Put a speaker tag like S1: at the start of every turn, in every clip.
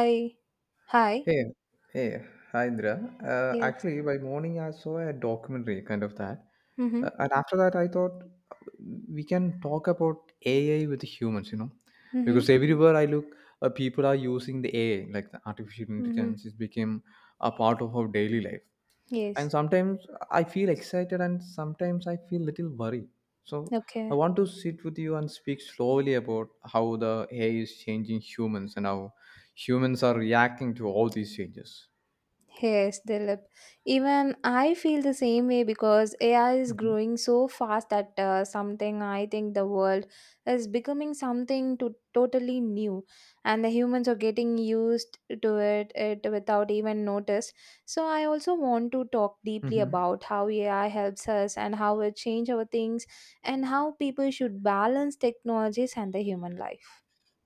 S1: Hi. Hi.
S2: Hey, hey, hi Indra.
S1: Yes.
S2: Actually, by morning I saw a documentary kind of that,
S1: Mm-hmm.
S2: and after that I thought we can talk about AI with humans, you know,
S1: Mm-hmm.
S2: because everywhere I look, people are using the AI, like the artificial
S1: Mm-hmm.
S2: intelligence. It became a part of our daily life, and
S1: Yes.
S2: sometimes I feel excited and sometimes I feel little worried, so I
S1: Okay.
S2: want to sit with you and speak slowly about how the ai is changing humans and how humans are reacting to all these changes.
S1: Yes, Dilip. Even I feel the same way because AI is
S2: Mhm.
S1: growing so fast that something I think the world is becoming something to totally new, and the humans are getting used to it without even notice. So I also want to talk deeply
S2: Mhm.
S1: about how AI helps us and how it change our things and how people should balance technologies and the human life.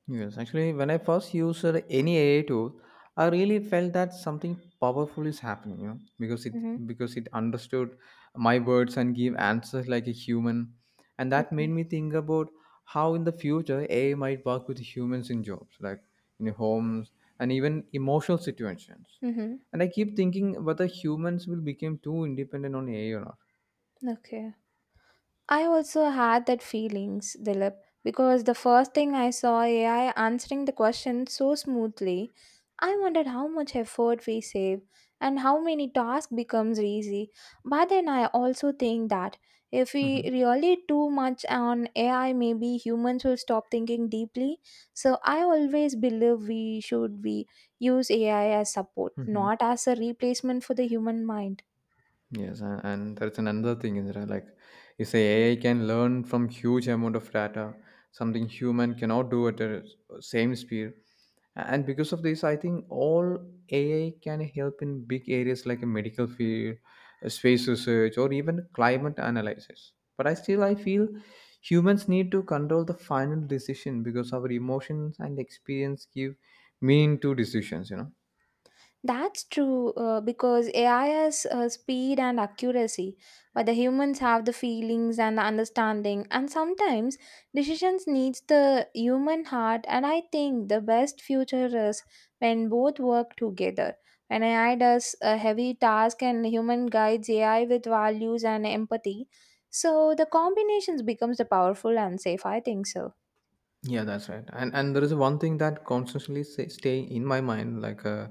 S2: Yes, actually, when I first used any AI tool, I really felt that something powerful is happening. You know,
S1: Mm-hmm.
S2: because it understood my words and gave answers like a human, and that made
S1: Okay.
S2: me think about how in the future AI might work with humans in jobs, like in homes and even emotional situations.
S1: Mm-hmm.
S2: And I keep thinking whether humans will become too independent on AI or not.
S1: Okay. I also had that feelings, Dilip, because the first thing I saw AI answering the question so smoothly, I wondered how much effort we save and how many tasks becomes easy. But then I also think that if we really too much on AI, maybe humans will stop thinking deeply. So I always believe we use AI as support,
S2: Hmm.
S1: not as a replacement for the human mind.
S2: Yes, and that's an another thing is that like you say AI can learn from huge amount of data, something human cannot do at the same speed. And because of this, I think all AI can help in big areas like a medical field, space research, or even climate analysis. But I still I feel humans need to control the final decision because our emotions and experience give meaning to decisions, you know.
S1: That's true, because AI has speed and accuracy, but the humans have the feelings and the understanding, and sometimes decisions needs the human heart. And I think the best future is when both work together. When AI does a heavy task and human guides AI with values and empathy, so the combinations becomes the powerful and safe. I think so.
S2: Yeah, that's right. And there is one thing that constantly say, stay in my mind, like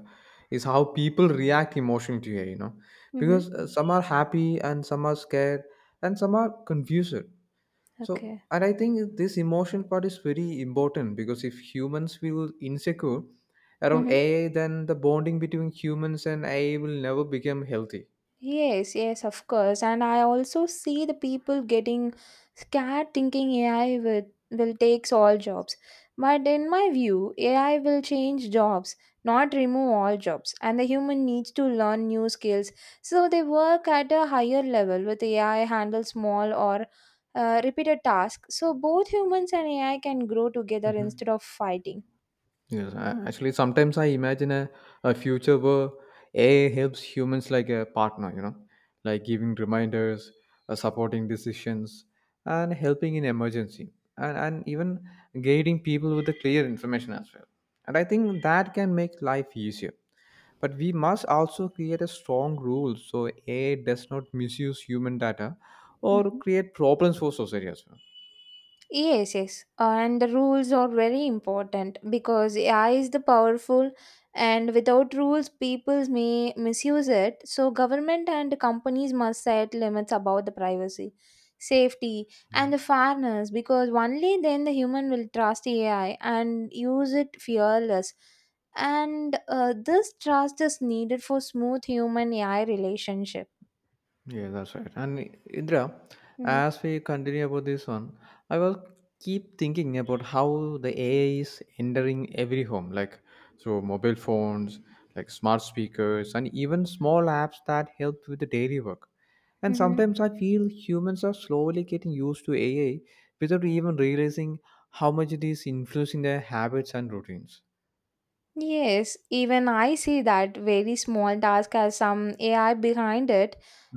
S2: is how people react emotionally to it. You know,
S1: Mm-hmm.
S2: because some are happy and some are scared and some are confused. So,
S1: Okay.
S2: and I think this emotion part is very important because if humans feel insecure around
S1: Mm-hmm.
S2: AI, then the bonding between humans and AI will never become healthy.
S1: Yes, yes, of course. And I also see the people getting scared thinking AI will takes all jobs. But in my view, AI will change jobs, not remove all jobs. And the human needs to learn new skills. So they work at a higher level with AI handle small or repeated tasks. So both humans and AI can grow together
S2: Mhm.
S1: instead of fighting.
S2: Yes, actually, sometimes I imagine a future where AI helps humans like a partner, you know, like giving reminders, supporting decisions, and helping in emergency, and even guiding people with the clear information as well. And I think that can make life easier. But we must also create a strong rule so AI does not misuse human data or
S1: Mm-hmm.
S2: create problems for society as well.
S1: Yes, yes. And the rules are very important because AI is the powerful and without rules people may misuse it. So government and companies must set limits about the privacy, safety and the fairness because only then the human will trust AI and use it fearless. And this trust is needed for smooth human AI relationship.
S2: Yeah, that's right. And Indra,
S1: Mm-hmm.
S2: as we continue about this one, I will keep thinking about how the AI is entering every home, like through mobile phones, like smart speakers, and even small apps that help with the daily work. And
S1: Mm-hmm.
S2: sometimes I feel humans are slowly getting used to AI without even realizing how much it is influencing their habits and routines.
S1: Yes, even I see that very small task has some AI behind it.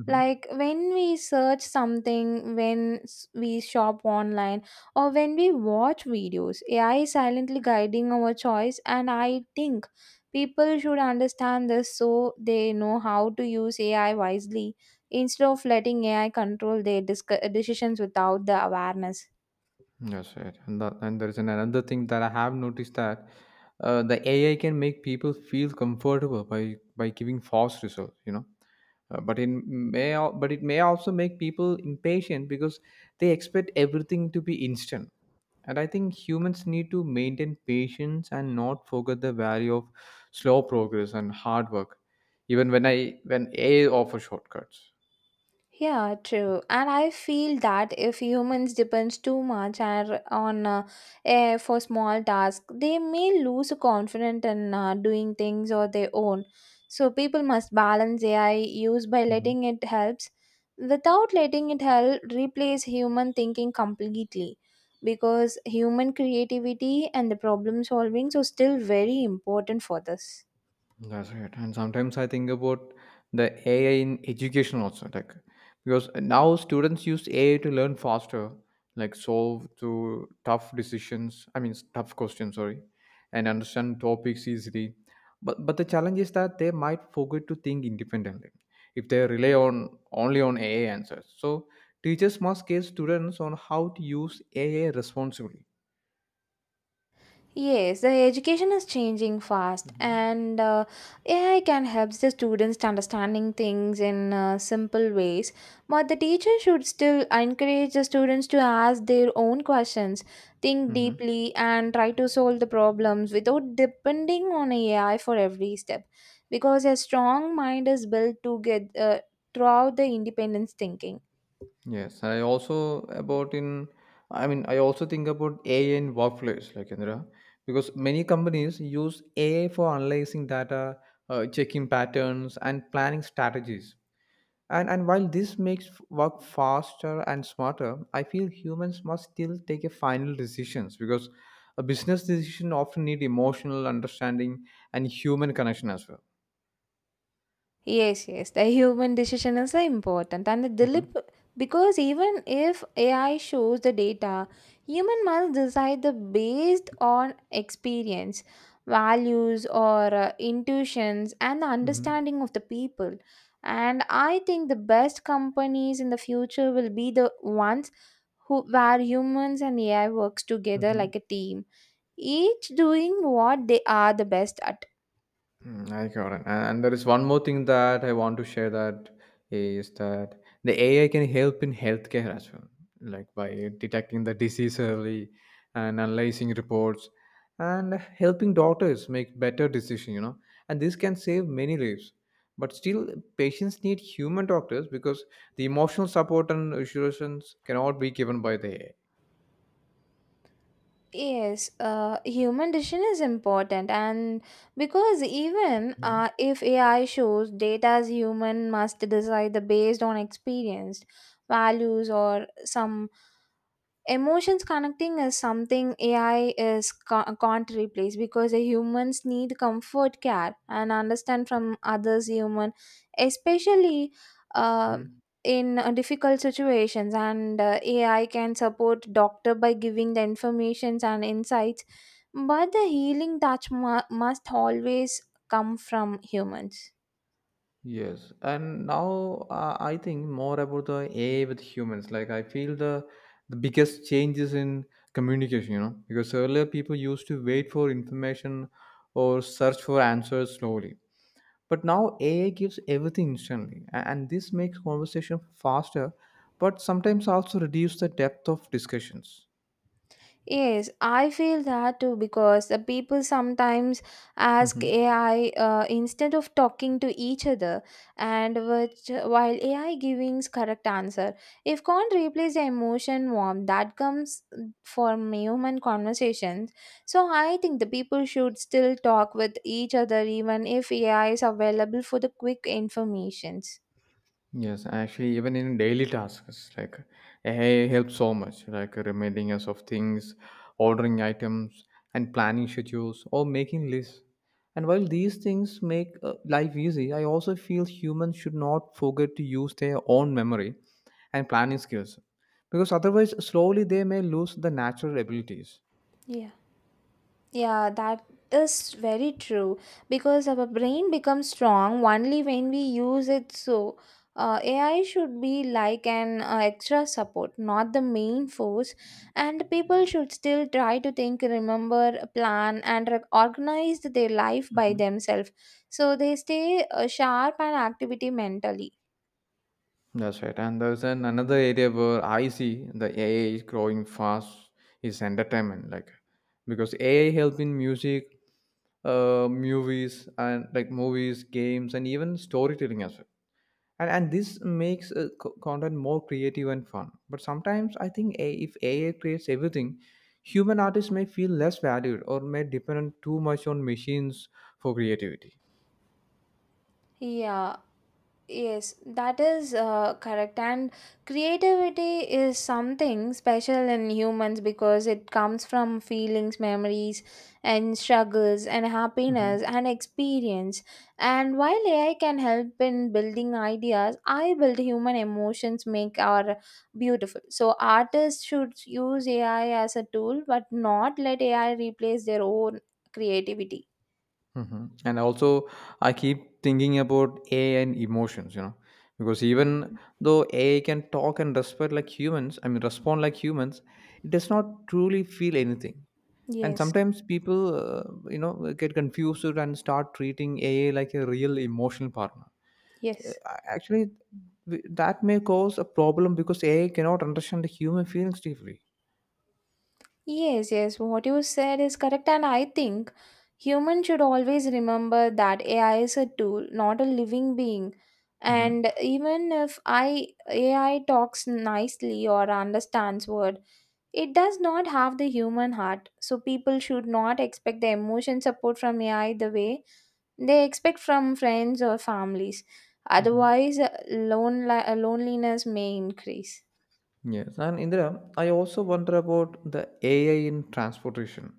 S1: Like when we search something, when we shop online, or when we watch videos, AI is silently guiding our choice. And I think people should understand this so they know how to use AI wisely instead of letting AI control their decisions without the awareness.
S2: That's right. And there is another thing that I have noticed, that the AI can make people feel comfortable by giving false results. You know, but it may also make people impatient because they expect everything to be instant. And I think humans need to maintain patience and not forget the value of slow progress and hard work even when AI offers shortcuts.
S1: Yeah, true. And I feel that if humans depends too much on AI for small tasks, they may lose confidence in doing things on their own. So people must balance AI use by
S2: Mhm.
S1: letting it helps without letting it help replace human thinking completely because human creativity and the problem solving are still very important for this.
S2: That's right. And sometimes I think about the AI in education also, like because now students use AI to learn faster, like solve to tough decisions. I mean, s- tough questions, sorry, and understand topics easily. But the challenge is that they might forget to think independently if they rely on only on AI answers. So teachers must guide students on how to use AI responsibly.
S1: Yes, the education is changing fast,
S2: Mhm.
S1: and AI can help the students to understanding things in simple ways. But the teacher should still encourage the students to ask their own questions, think
S2: Mhm.
S1: deeply, and try to solve the problems without depending on AI for every step. Because a strong mind is built to get throughout the independence thinking.
S2: Yes, I also think about AI in workflows like Indra, because many companies use AI for analyzing data, checking patterns and planning strategies. And while this makes work faster and smarter, I feel humans must still take a final decisions because a business decision often need emotional understanding and human connection as well.
S1: Yes, yes. The human decision is important. And the Dilip, because even if AI shows the data, human must decide the based on experience, values, or intuitions, and the
S2: Mm-hmm.
S1: understanding of the people. And I think the best companies in the future will be the ones who where humans and AI works together
S2: Mm-hmm.
S1: like a team, each doing what they are the best at.
S2: Mm, I got it. And there is one more thing that I want to share, that is that the AI can help in healthcare as well, like by detecting the disease early and analyzing reports and helping doctors make better decisions, you know. And this can save many lives. But still, patients need human doctors because the emotional support and assurances cannot be given by the AI.
S1: Yes, human decision is important, and because even
S2: Mhm.
S1: if AI shows data as human must decide the based on experience, values, or some emotions connecting is something AI is can't replace because the humans need comfort care and understand from others human especially uh,
S2: Mhm.
S1: in difficult situations, and AI can support doctor by giving the informations and insights, but the healing touch must always come from humans.
S2: Yes, and now I think more about the AI with humans. Like I feel the biggest changes in communication, you know, because earlier people used to wait for information or search for answers slowly. But now AI gives everything instantly, and this makes conversation faster, but sometimes also reduce the depth of discussions.
S1: Yes, I feel that too because the people sometimes ask
S2: Mm-hmm.
S1: AI, instead of talking to each other, and which while AI giving correct answer, if can't replace the emotion warmth that comes from human conversations. So I think the people should still talk with each other even if AI is available for the quick informations.
S2: Yes, actually, even in daily tasks, like AI helps so much, like reminding us of things, ordering items, and planning schedules or making lists. And while these things make life easy, I also feel humans should not forget to use their own memory and planning skills because otherwise, slowly they may lose the natural abilities.
S1: Yeah. Yeah, that is very true because our brain becomes strong only when we use it. So, AI should be like an extra support, not the main force. And people should still try to think, remember, plan, and organize their life by themselves so they stay sharp and activity mentally.
S2: That's right. And there's an another area where I see the AI is growing fast is entertainment. Like because AI help in music, movies, games, and even storytelling as well. And this makes content more creative and fun. But sometimes I think if AI creates everything, human artists may feel less valued or may depend too much on machines for creativity.
S1: Yeah. Yes, that is correct. And creativity is something special in humans because it comes from feelings, memories, and struggles, and happiness, and experience. And while AI can help in building ideas, I build human emotions make our beautiful. So artists should use AI as a tool, but not let AI replace their own creativity.
S2: Mhm. And also, I keep thinking about AI and emotions, you know, because even though AI can talk and respond like humans, it does not truly feel anything. And
S1: Yes,
S2: sometimes people, get confused and start treating AI like a real emotional partner. Uh,
S1: yes.
S2: Actually, that may cause a problem because AI cannot understand the human feelings deeply.
S1: Yes, yes, what you said is correct, and I think humans should always remember that AI is a tool, not a living being.
S2: Hmm.
S1: And even if I AI talks nicely or understands word, it does not have the human heart. So people should not expect the emotion support from AI the way they expect from friends or families.
S2: Hmm.
S1: Otherwise, loneliness may increase.
S2: Yes, and Indra, I also wonder about the AI in transportation.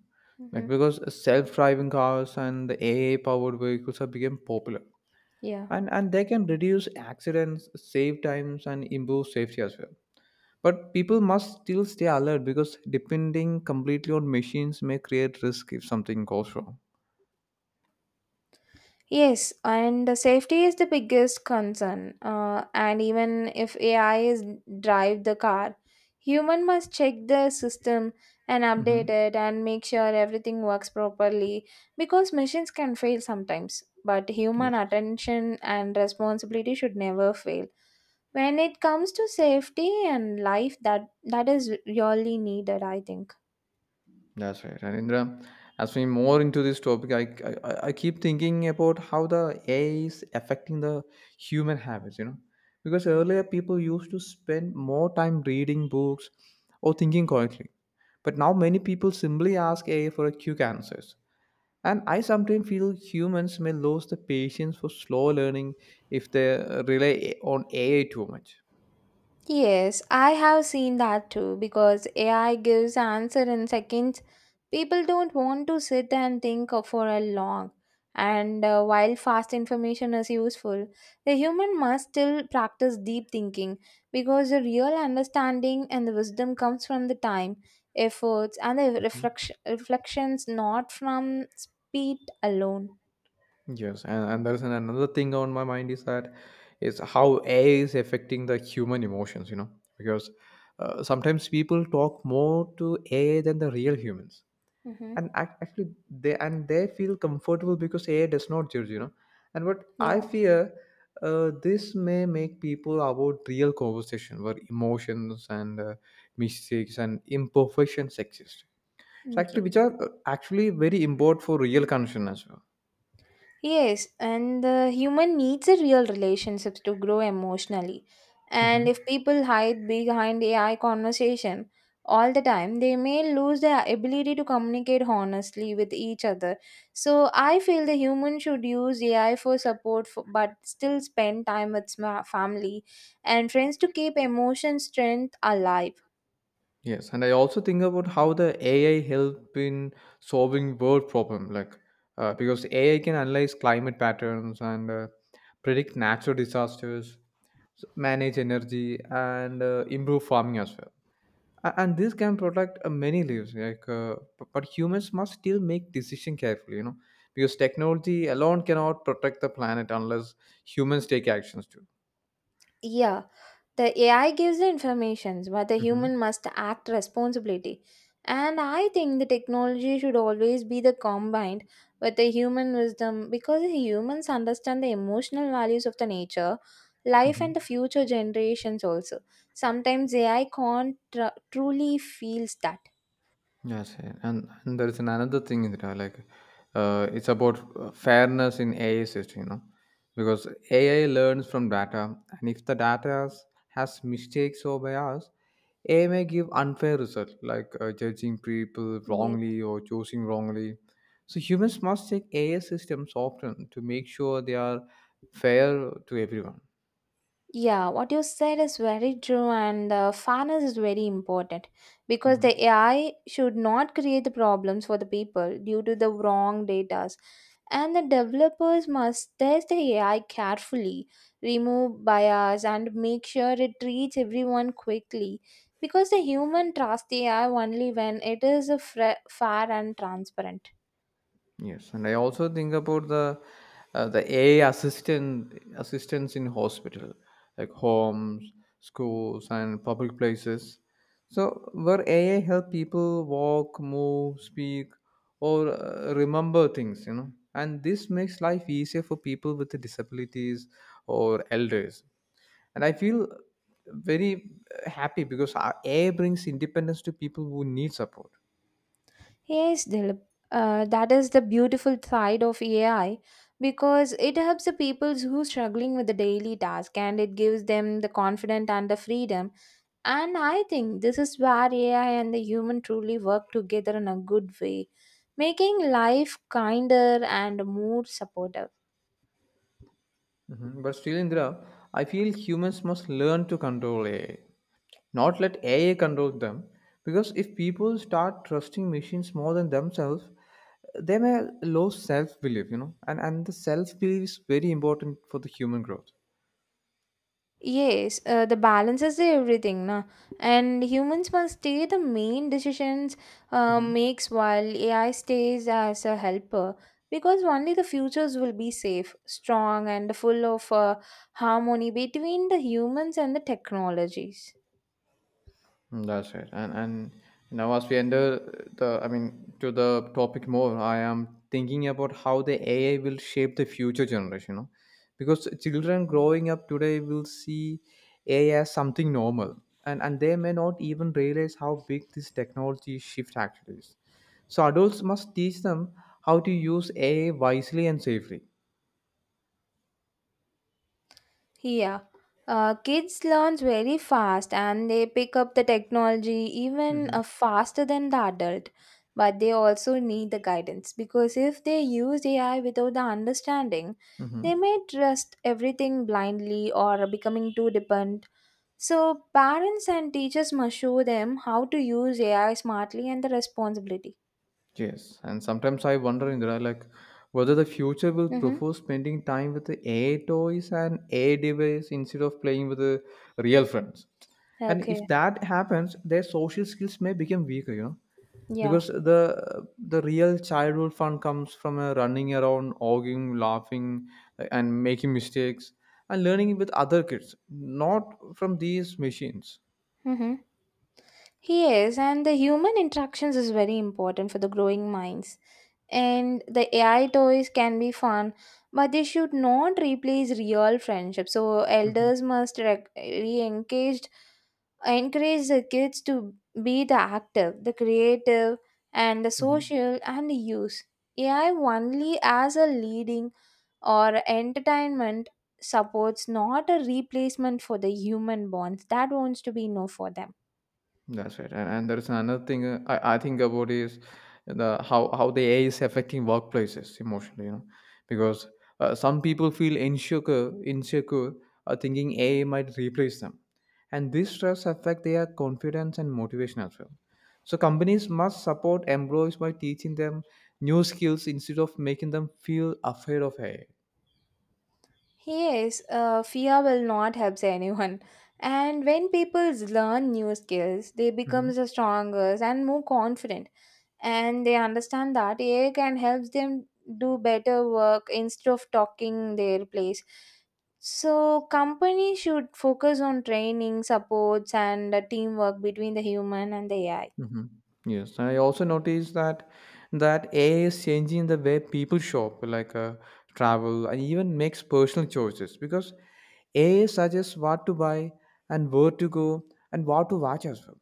S2: Like
S1: Hmm.
S2: because self-driving cars and the AI-powered vehicles have become popular,
S1: Yeah.
S2: and they can reduce accidents, save times, and improve safety as well. But people must still stay alert because depending completely on machines may create risk if something goes wrong.
S1: Yes, and the safety is the biggest concern. And even if AI is drive the car, human must check the system and
S2: Mm-hmm.
S1: update it and make sure everything works properly because machines can fail sometimes. But human
S2: Yes.
S1: attention and responsibility should never fail. When it comes to safety and life, that is really needed, I think.
S2: That's right. And Indra, as we more into this topic, I keep thinking about how the AI is affecting the human habits. You know, because earlier people used to spend more time reading books or thinking quietly, but now many people simply ask AI for a quick answers. And I sometimes feel humans may lose the patience for slow learning if they rely on AI too much.
S1: Yes, I have seen that too because AI gives answer in seconds. People don't want to sit and think for a long. And while fast information is useful, the human must still practice deep thinking because the real understanding and the wisdom comes from the time, efforts, and the reflection, reflections, not from speed alone.
S2: Yes, and there's an another thing on my mind is that is how AI is affecting the human emotions, you know, because sometimes people talk more to AI than the real humans,
S1: Mm-hmm.
S2: and they feel comfortable because AI does not judge, you know, and what I
S1: Yeah.
S2: fear. This may make people avoid real conversation where emotions and mistakes and imperfections exist. So
S1: Yeah.
S2: actually, which are actually very important for real connection as well.
S1: Yes, and the human needs a real relationships to grow emotionally. And
S2: Mm-hmm.
S1: if people hide behind AI conversation all the time, they may lose their ability to communicate honestly with each other. So I feel the human should use AI for support, but still spend time with family and friends to keep emotion strength alive.
S2: Yes, and I also think about how the AI help in solving world problem, like because AI can analyze climate patterns and predict natural disasters, manage energy, and improve farming as well. And this can protect many lives, like but humans must still make decision carefully, you know, because technology alone cannot protect the planet unless humans take actions too.
S1: Yeah, the AI gives the informations, but the
S2: Mm-hmm.
S1: human must act responsibility. And I think the technology should always be the combined with the human wisdom because the humans understand the emotional values of the nature, life, and the future generations also. Sometimes AI can't truly feels that.
S2: Yes, yeah. And there is an another thing in there, like it's about fairness in AI system, you know, because AI learns from data, and if the data has mistakes or bias, AI may give unfair result, like judging people
S1: Yeah.
S2: wrongly or choosing wrongly. So humans must check AI systems often to make sure they are fair to everyone.
S1: Yeah, what you said is very true, and fairness is very important because the
S2: Mm-hmm.
S1: AI should not create the problems for the people due to the wrong data. And the developers must test the AI carefully, remove bias, and make sure it treats everyone quickly because the human trust AI only when it is a fair and transparent.
S2: Yes, and I also think about the AI assistants in hospital, like homes, schools, and public places. So where AI help people walk, move, speak, or remember things, you know, and this makes life easier for people with disabilities or elders. And I feel very happy because our AI brings independence to people who need support.
S1: Yes, Dilip. That is the beautiful side of AI because it helps the people who are struggling with the daily task and it gives them the confidence and the freedom. And I think this is where AI and the human truly work together in a good way, making life kinder and more supportive.
S2: Mhm. But still, Indra, I feel humans must learn to control AI, not let AI control them. Because if people start trusting machines more than themselves, they may lose self belief, you know, and the self belief is very important for the human growth.
S1: Yes, the balance is everything, na. And humans must take the main decisions
S2: Mm-hmm.
S1: makes while AI stays as a helper, because only the futures will be safe, strong, and full of harmony between the humans and the technologies.
S2: Mm, that's right. And now as we enter to the topic more, I am thinking about how the AI will shape the future generation, you know? Because children growing up today will see AI as something normal, and they may not even realize how big this technology shift actually is. So adults must teach them how to use AI wisely and safely.
S1: Yeah, kids learns very fast and they pick up the technology even faster than the adult. But they also need the guidance because if they use AI without the understanding,
S2: Mm-hmm.
S1: they may trust everything blindly or becoming too dependent. So parents and teachers must show them how to use AI smartly and the responsibility.
S2: Yes, and sometimes I wonder, Indra, like whether the future will
S1: Mm-hmm.
S2: prefer spending time with the AI toys and AI device instead of playing with the real friends. And if
S1: Okay.
S2: that happens, their social skills may become weaker, you know,
S1: Yeah.
S2: because the real childhood fun comes from running around, arguing, laughing, and making mistakes and learning with other kids, not from these machines.
S1: Mm-hmm. Yes, and the human interactions is very important for the growing minds. And the AI toys can be fun, but they should not replace real friendship. So elders must re-engaged, encourage the kids to be the active, the creative, and the
S2: Hmm.
S1: social and the use. AI only as a leading or entertainment supports, not a replacement for the human bonds. That wants to be no for them.
S2: That's right, and there is another thing I think about is the how the AI is affecting workplaces emotionally, you know, because some people feel insecure, thinking AI might replace them, and this stress affect their confidence and motivation as well. So companies must support employees by teaching them new skills instead of making them feel afraid of AI.
S1: Yes, fear will not help anyone. And when people learn new skills, they become the stronger and more confident. And they understand that AI can help them do better work instead of talking their place. So companies should focus on training, supports, and teamwork between the human and the AI.
S2: Mhm. Yes, I also noticed that AI is changing the way people shop, like travel, and even makes personal choices because AI suggests what to buy and where to go and what to watch as well,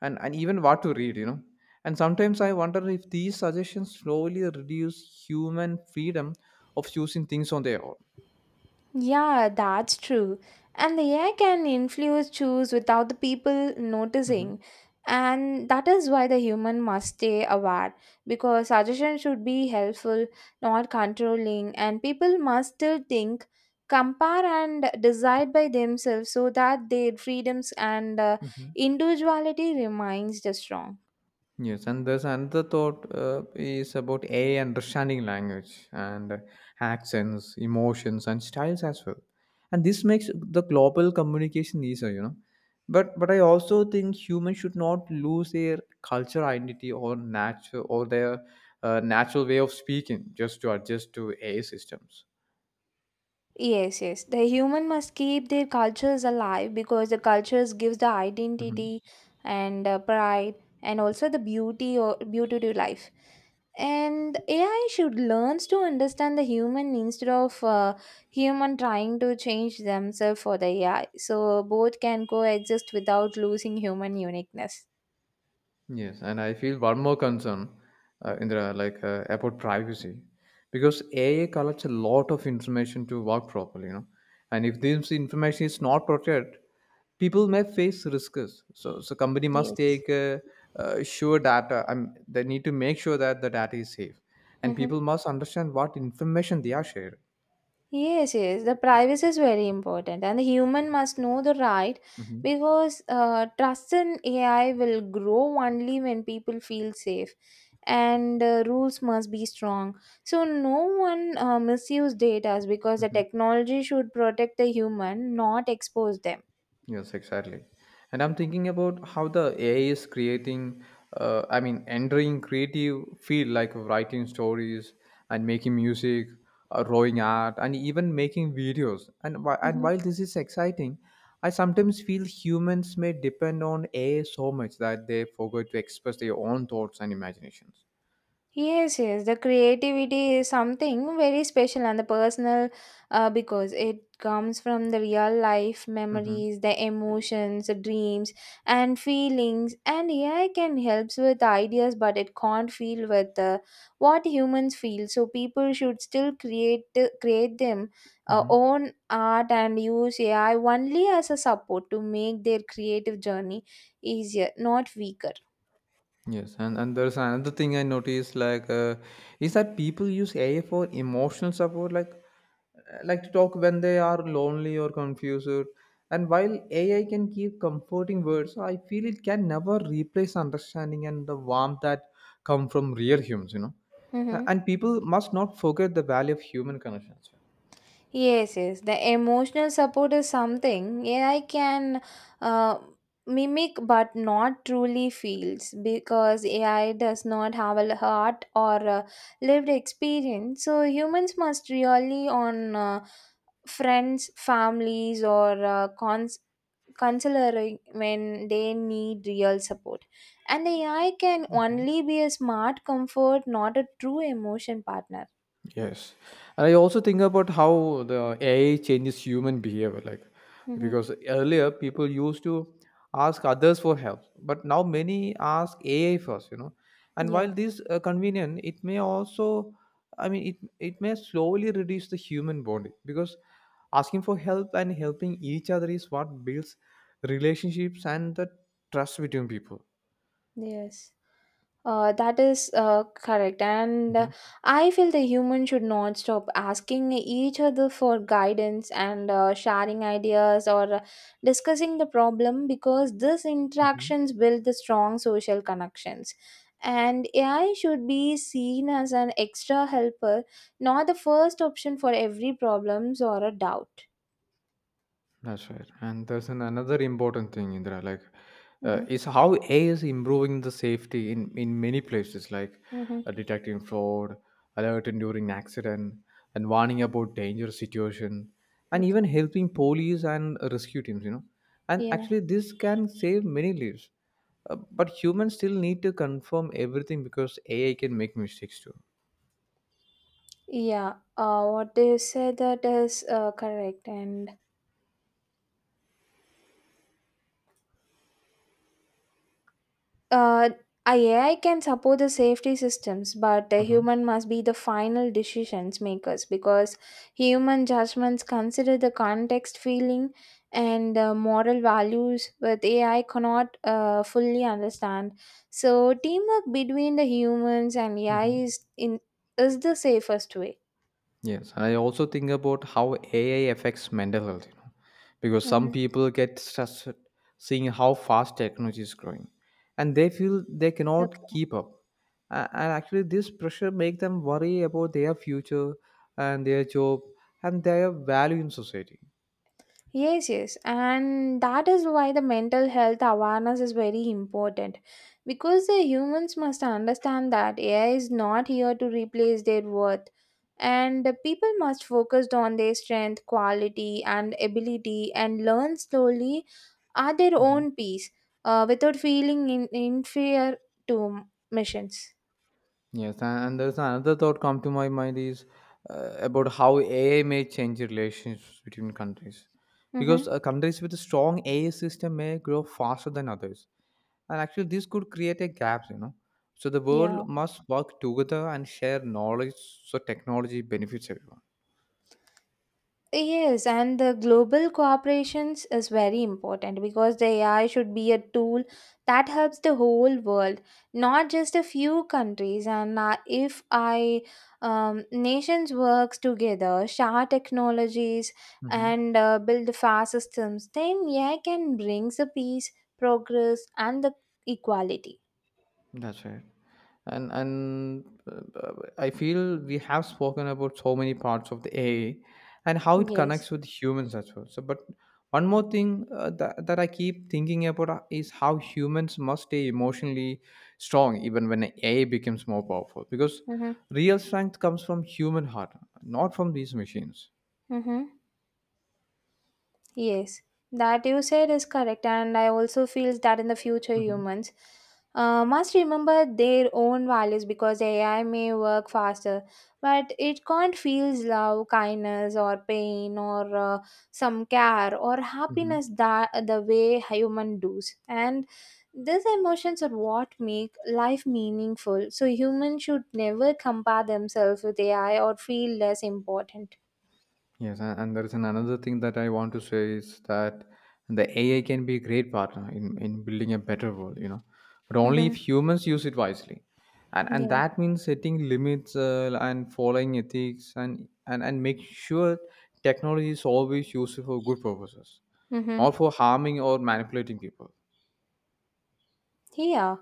S2: and even what to read, you know. And sometimes I wonder if these suggestions slowly reduce human freedom of choosing things on their
S1: Yeah, that's true. And the AI can influence choose without the people
S2: own.
S1: noticing. And that is why the human must stay aware because suggestions should be helpful, not controlling, and people must still think, compare, and decide by themselves so that their freedoms and
S2: Hmm.
S1: individuality remains the strong.
S2: Yes, and there's another thought is about AI understanding language and accents, emotions, and styles as well. And this makes the global communication easier, you know. But I also think humans should not lose their culture identity or natural or their natural way of speaking just to adjust to AI systems.
S1: Yes, yes. The human must keep their cultures alive because the cultures gives the
S2: Mm-hmm.
S1: identity and pride and also the beauty or beauty to life. And AI should learns to understand the human instead of human trying to change themselves for the AI. So both can coexist without losing human uniqueness.
S2: Yes, and I feel one more concern, Indra, like about privacy, because AI collects a lot of information to work properly, you know, and if this information is not protected, people may face risks. So company must
S1: Yes.
S2: take sure data. They need to make sure that the data is safe, and
S1: Mm-hmm.
S2: people must understand what information they are sharing.
S1: Yes, yes, the privacy is very important, and the human must know the right
S2: Mm-hmm.
S1: because trust in AI will grow only when people feel safe, and rules must be strong. So no one misuse data because the technology should protect the human, not expose them.
S2: Yes, exactly. And I'm thinking about how the AI is creating, entering creative field like writing stories and making music, drawing art, and even making videos. And
S1: Mm-hmm.
S2: while this is exciting, I sometimes feel humans may depend on AI so much that they forget to express their own thoughts and imaginations.
S1: Yes, yes, the creativity is something very special and the personal because it comes from the real life
S2: Mm-hmm.
S1: memories, the emotions, the dreams, and feelings. And AI can helps with ideas, but it can't feel with what humans feel. So people should still create them
S2: Mm-hmm.
S1: own art and use AI only as a support to make their creative journey easier, not weaker.
S2: Yes, and there's another thing I noticed like is that people use AI for emotional support, like to talk when they are lonely or confused. And while AI can give comforting words, I feel it can never replace understanding and the warmth that come from real humans. You know, A-
S1: Mm-hmm.
S2: and people must not forget the value of human connections.
S1: Yes, yes. The emotional support is something AI can uh, mimic but not truly feels because AI does not have a heart or a lived experience. So humans must really on friends, families, or counseling when they need real support. And AI can only be a smart comfort, not a true emotion partner.
S2: Yes, and I also think about how the AI changes human behavior. Like,
S1: Mhm.
S2: because earlier people used to ask others for help, but now many ask AI first. You know, and
S1: Yeah.
S2: while this convenient, it may also, it may slowly reduce the human bond because asking for help and helping each other is what builds relationships and the trust between people.
S1: Yes. That is correct. And I feel the human should not stop asking each other for guidance and sharing ideas or discussing the problem because these
S2: Mhm.
S1: interactions build the strong social connections. And AI should be seen as an extra helper, not the first option for every problems or a doubt.
S2: That's right. And there's another important thing, Indra, like
S1: Mm-hmm.
S2: is how AI is improving the safety in many places, like
S1: Mm-hmm.
S2: detecting fraud, alerting during accident, and warning about dangerous situation, and even
S1: Okay.
S2: helping police and rescue teams, you know. And
S1: Yeah.
S2: actually, this can save many lives. But humans still need to confirm everything because AI can make mistakes too.
S1: Yeah. What they said that is correct. And Uh, AI can support the safety systems, but the
S2: Mm-hmm.
S1: human must be the final decisions makers because human judgments consider the context, feeling, and moral values with AI cannot fully understand. So teamwork between the humans and AI
S2: Mm-hmm.
S1: is the safest way.
S2: Yes, I also think about how AI affects mental health, you know, because some
S1: Mm-hmm.
S2: people get stressed seeing how fast technology is growing, and they feel they cannot keep up. And actually, this pressure make them worry about their future and their job and their value in society.
S1: Yes, yes, and that is why the mental health awareness is very important because the humans must understand that AI is not here to replace their worth, and the people must focus on their strength, quality, and ability and learn slowly at their own pace without feeling inferior to missions.
S2: Yes, and there's another thought come to my mind is about how AI may change relationships between countries, because
S1: Mm-hmm.
S2: countries with a strong AI system may grow faster than others, and actually this could create a gap, you know. So the world
S1: Yeah.
S2: must work together and share knowledge so technology benefits everyone.
S1: Yes, and the global cooperations is very important because the AI should be a tool that helps the whole world, not just a few countries. And if I nations works together, share technologies, and build fast systems, then AI can bring the peace, progress, and the equality.
S2: That's right. And I feel we have spoken about so many parts of the AI and how it
S1: Yes.
S2: connects with humans as well. So, but one more thing that I keep thinking about is how humans must stay emotionally strong even when AI becomes more powerful because
S1: Mm-hmm.
S2: real strength comes from human heart, not from these machines.
S1: Mm-hmm. Yes, that you said is correct, and I also feel that in the future humans must remember their own values because AI may work faster, but it can't feel love, kindness, or pain, or some care or happiness that the way human does, and these emotions are what make life meaningful. So humans should never compare themselves with AI or feel less important.
S2: Yes, and there is an another thing that I want to say is that the AI can be a great partner in building a better world, you know, but only if
S1: Mm-hmm.
S2: humans use it wisely. And
S1: Yeah.
S2: that means setting limits and following ethics and make sure technology is always used for good purposes,
S1: Mm-hmm.
S2: not for harming or manipulating people.
S1: Yeah,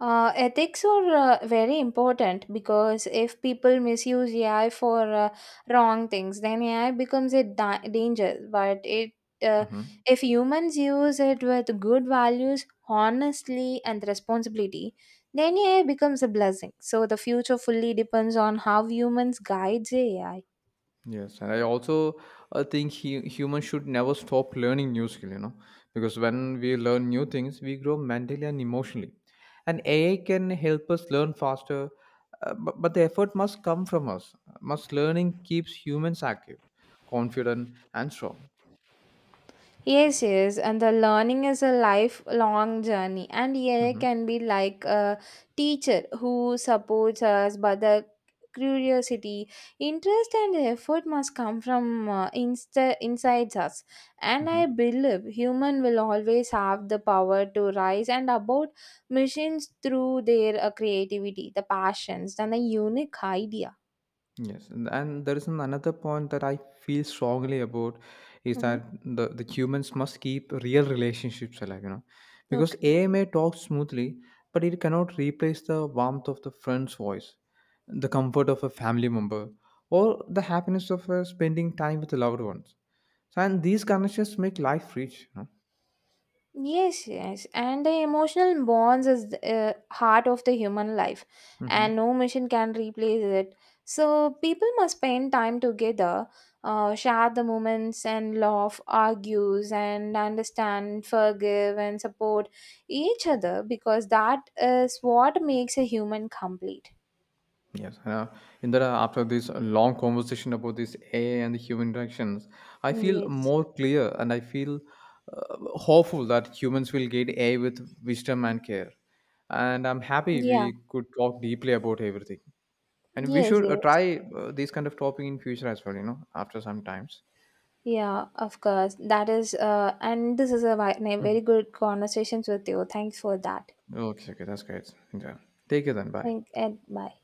S1: ethics are very important because if people misuse AI for wrong things, then AI becomes a danger. Uh,
S2: Mm-hmm.
S1: if humans use it with good values, honestly, and responsibility, then AI becomes a blessing. So the future fully depends on how humans guides AI.
S2: Yes, and I also think humans should never stop learning new skill, you know, because when we learn new things, we grow mentally and emotionally. And AI can help us learn faster, but the effort must come from us. Must learning keeps humans active, confident, and strong.
S1: Yes, yes, and the learning is a lifelong journey, and EA
S2: Mm-hmm.
S1: can be like a teacher who supports us, but the curiosity, interest, and effort must come from inside us. And I
S2: Mm-hmm.
S1: believe human will always have the power to rise and about machines through their creativity, the passions, and the unique idea.
S2: Yes, and there is an another point that I feel strongly about is that the humans must keep real relationships alive, you know, because
S1: Mhm.
S2: AI may talk smoothly, but it cannot replace the warmth of the friend's voice, the comfort of a family member, or the happiness of spending time with the loved ones. So, and these connections make life rich. You
S1: Yes, yes, and the emotional bonds is the heart of the human life,
S2: know? Mm-hmm.
S1: and no machine can replace it. So people must spend time together, share the moments, and laugh, argues, and understand, forgive, and support each other because that is what makes a human complete.
S2: Yes, Indira, after this long conversation about this AI and the human interactions, I feel
S1: Yes.
S2: more clear and I feel hopeful that humans will guide AI with wisdom and care. And I'm happy
S1: Yeah.
S2: we could talk deeply about everything. And we
S1: Yes.
S2: should
S1: Yes.
S2: try this kind of topic in future as well, you know, after some times.
S1: Yeah. Of course. That is. And this is a, a very good conversations with you. Thanks for that.
S2: Okay, okay, that's great. Indira. Take it then. Bye.
S1: Think it might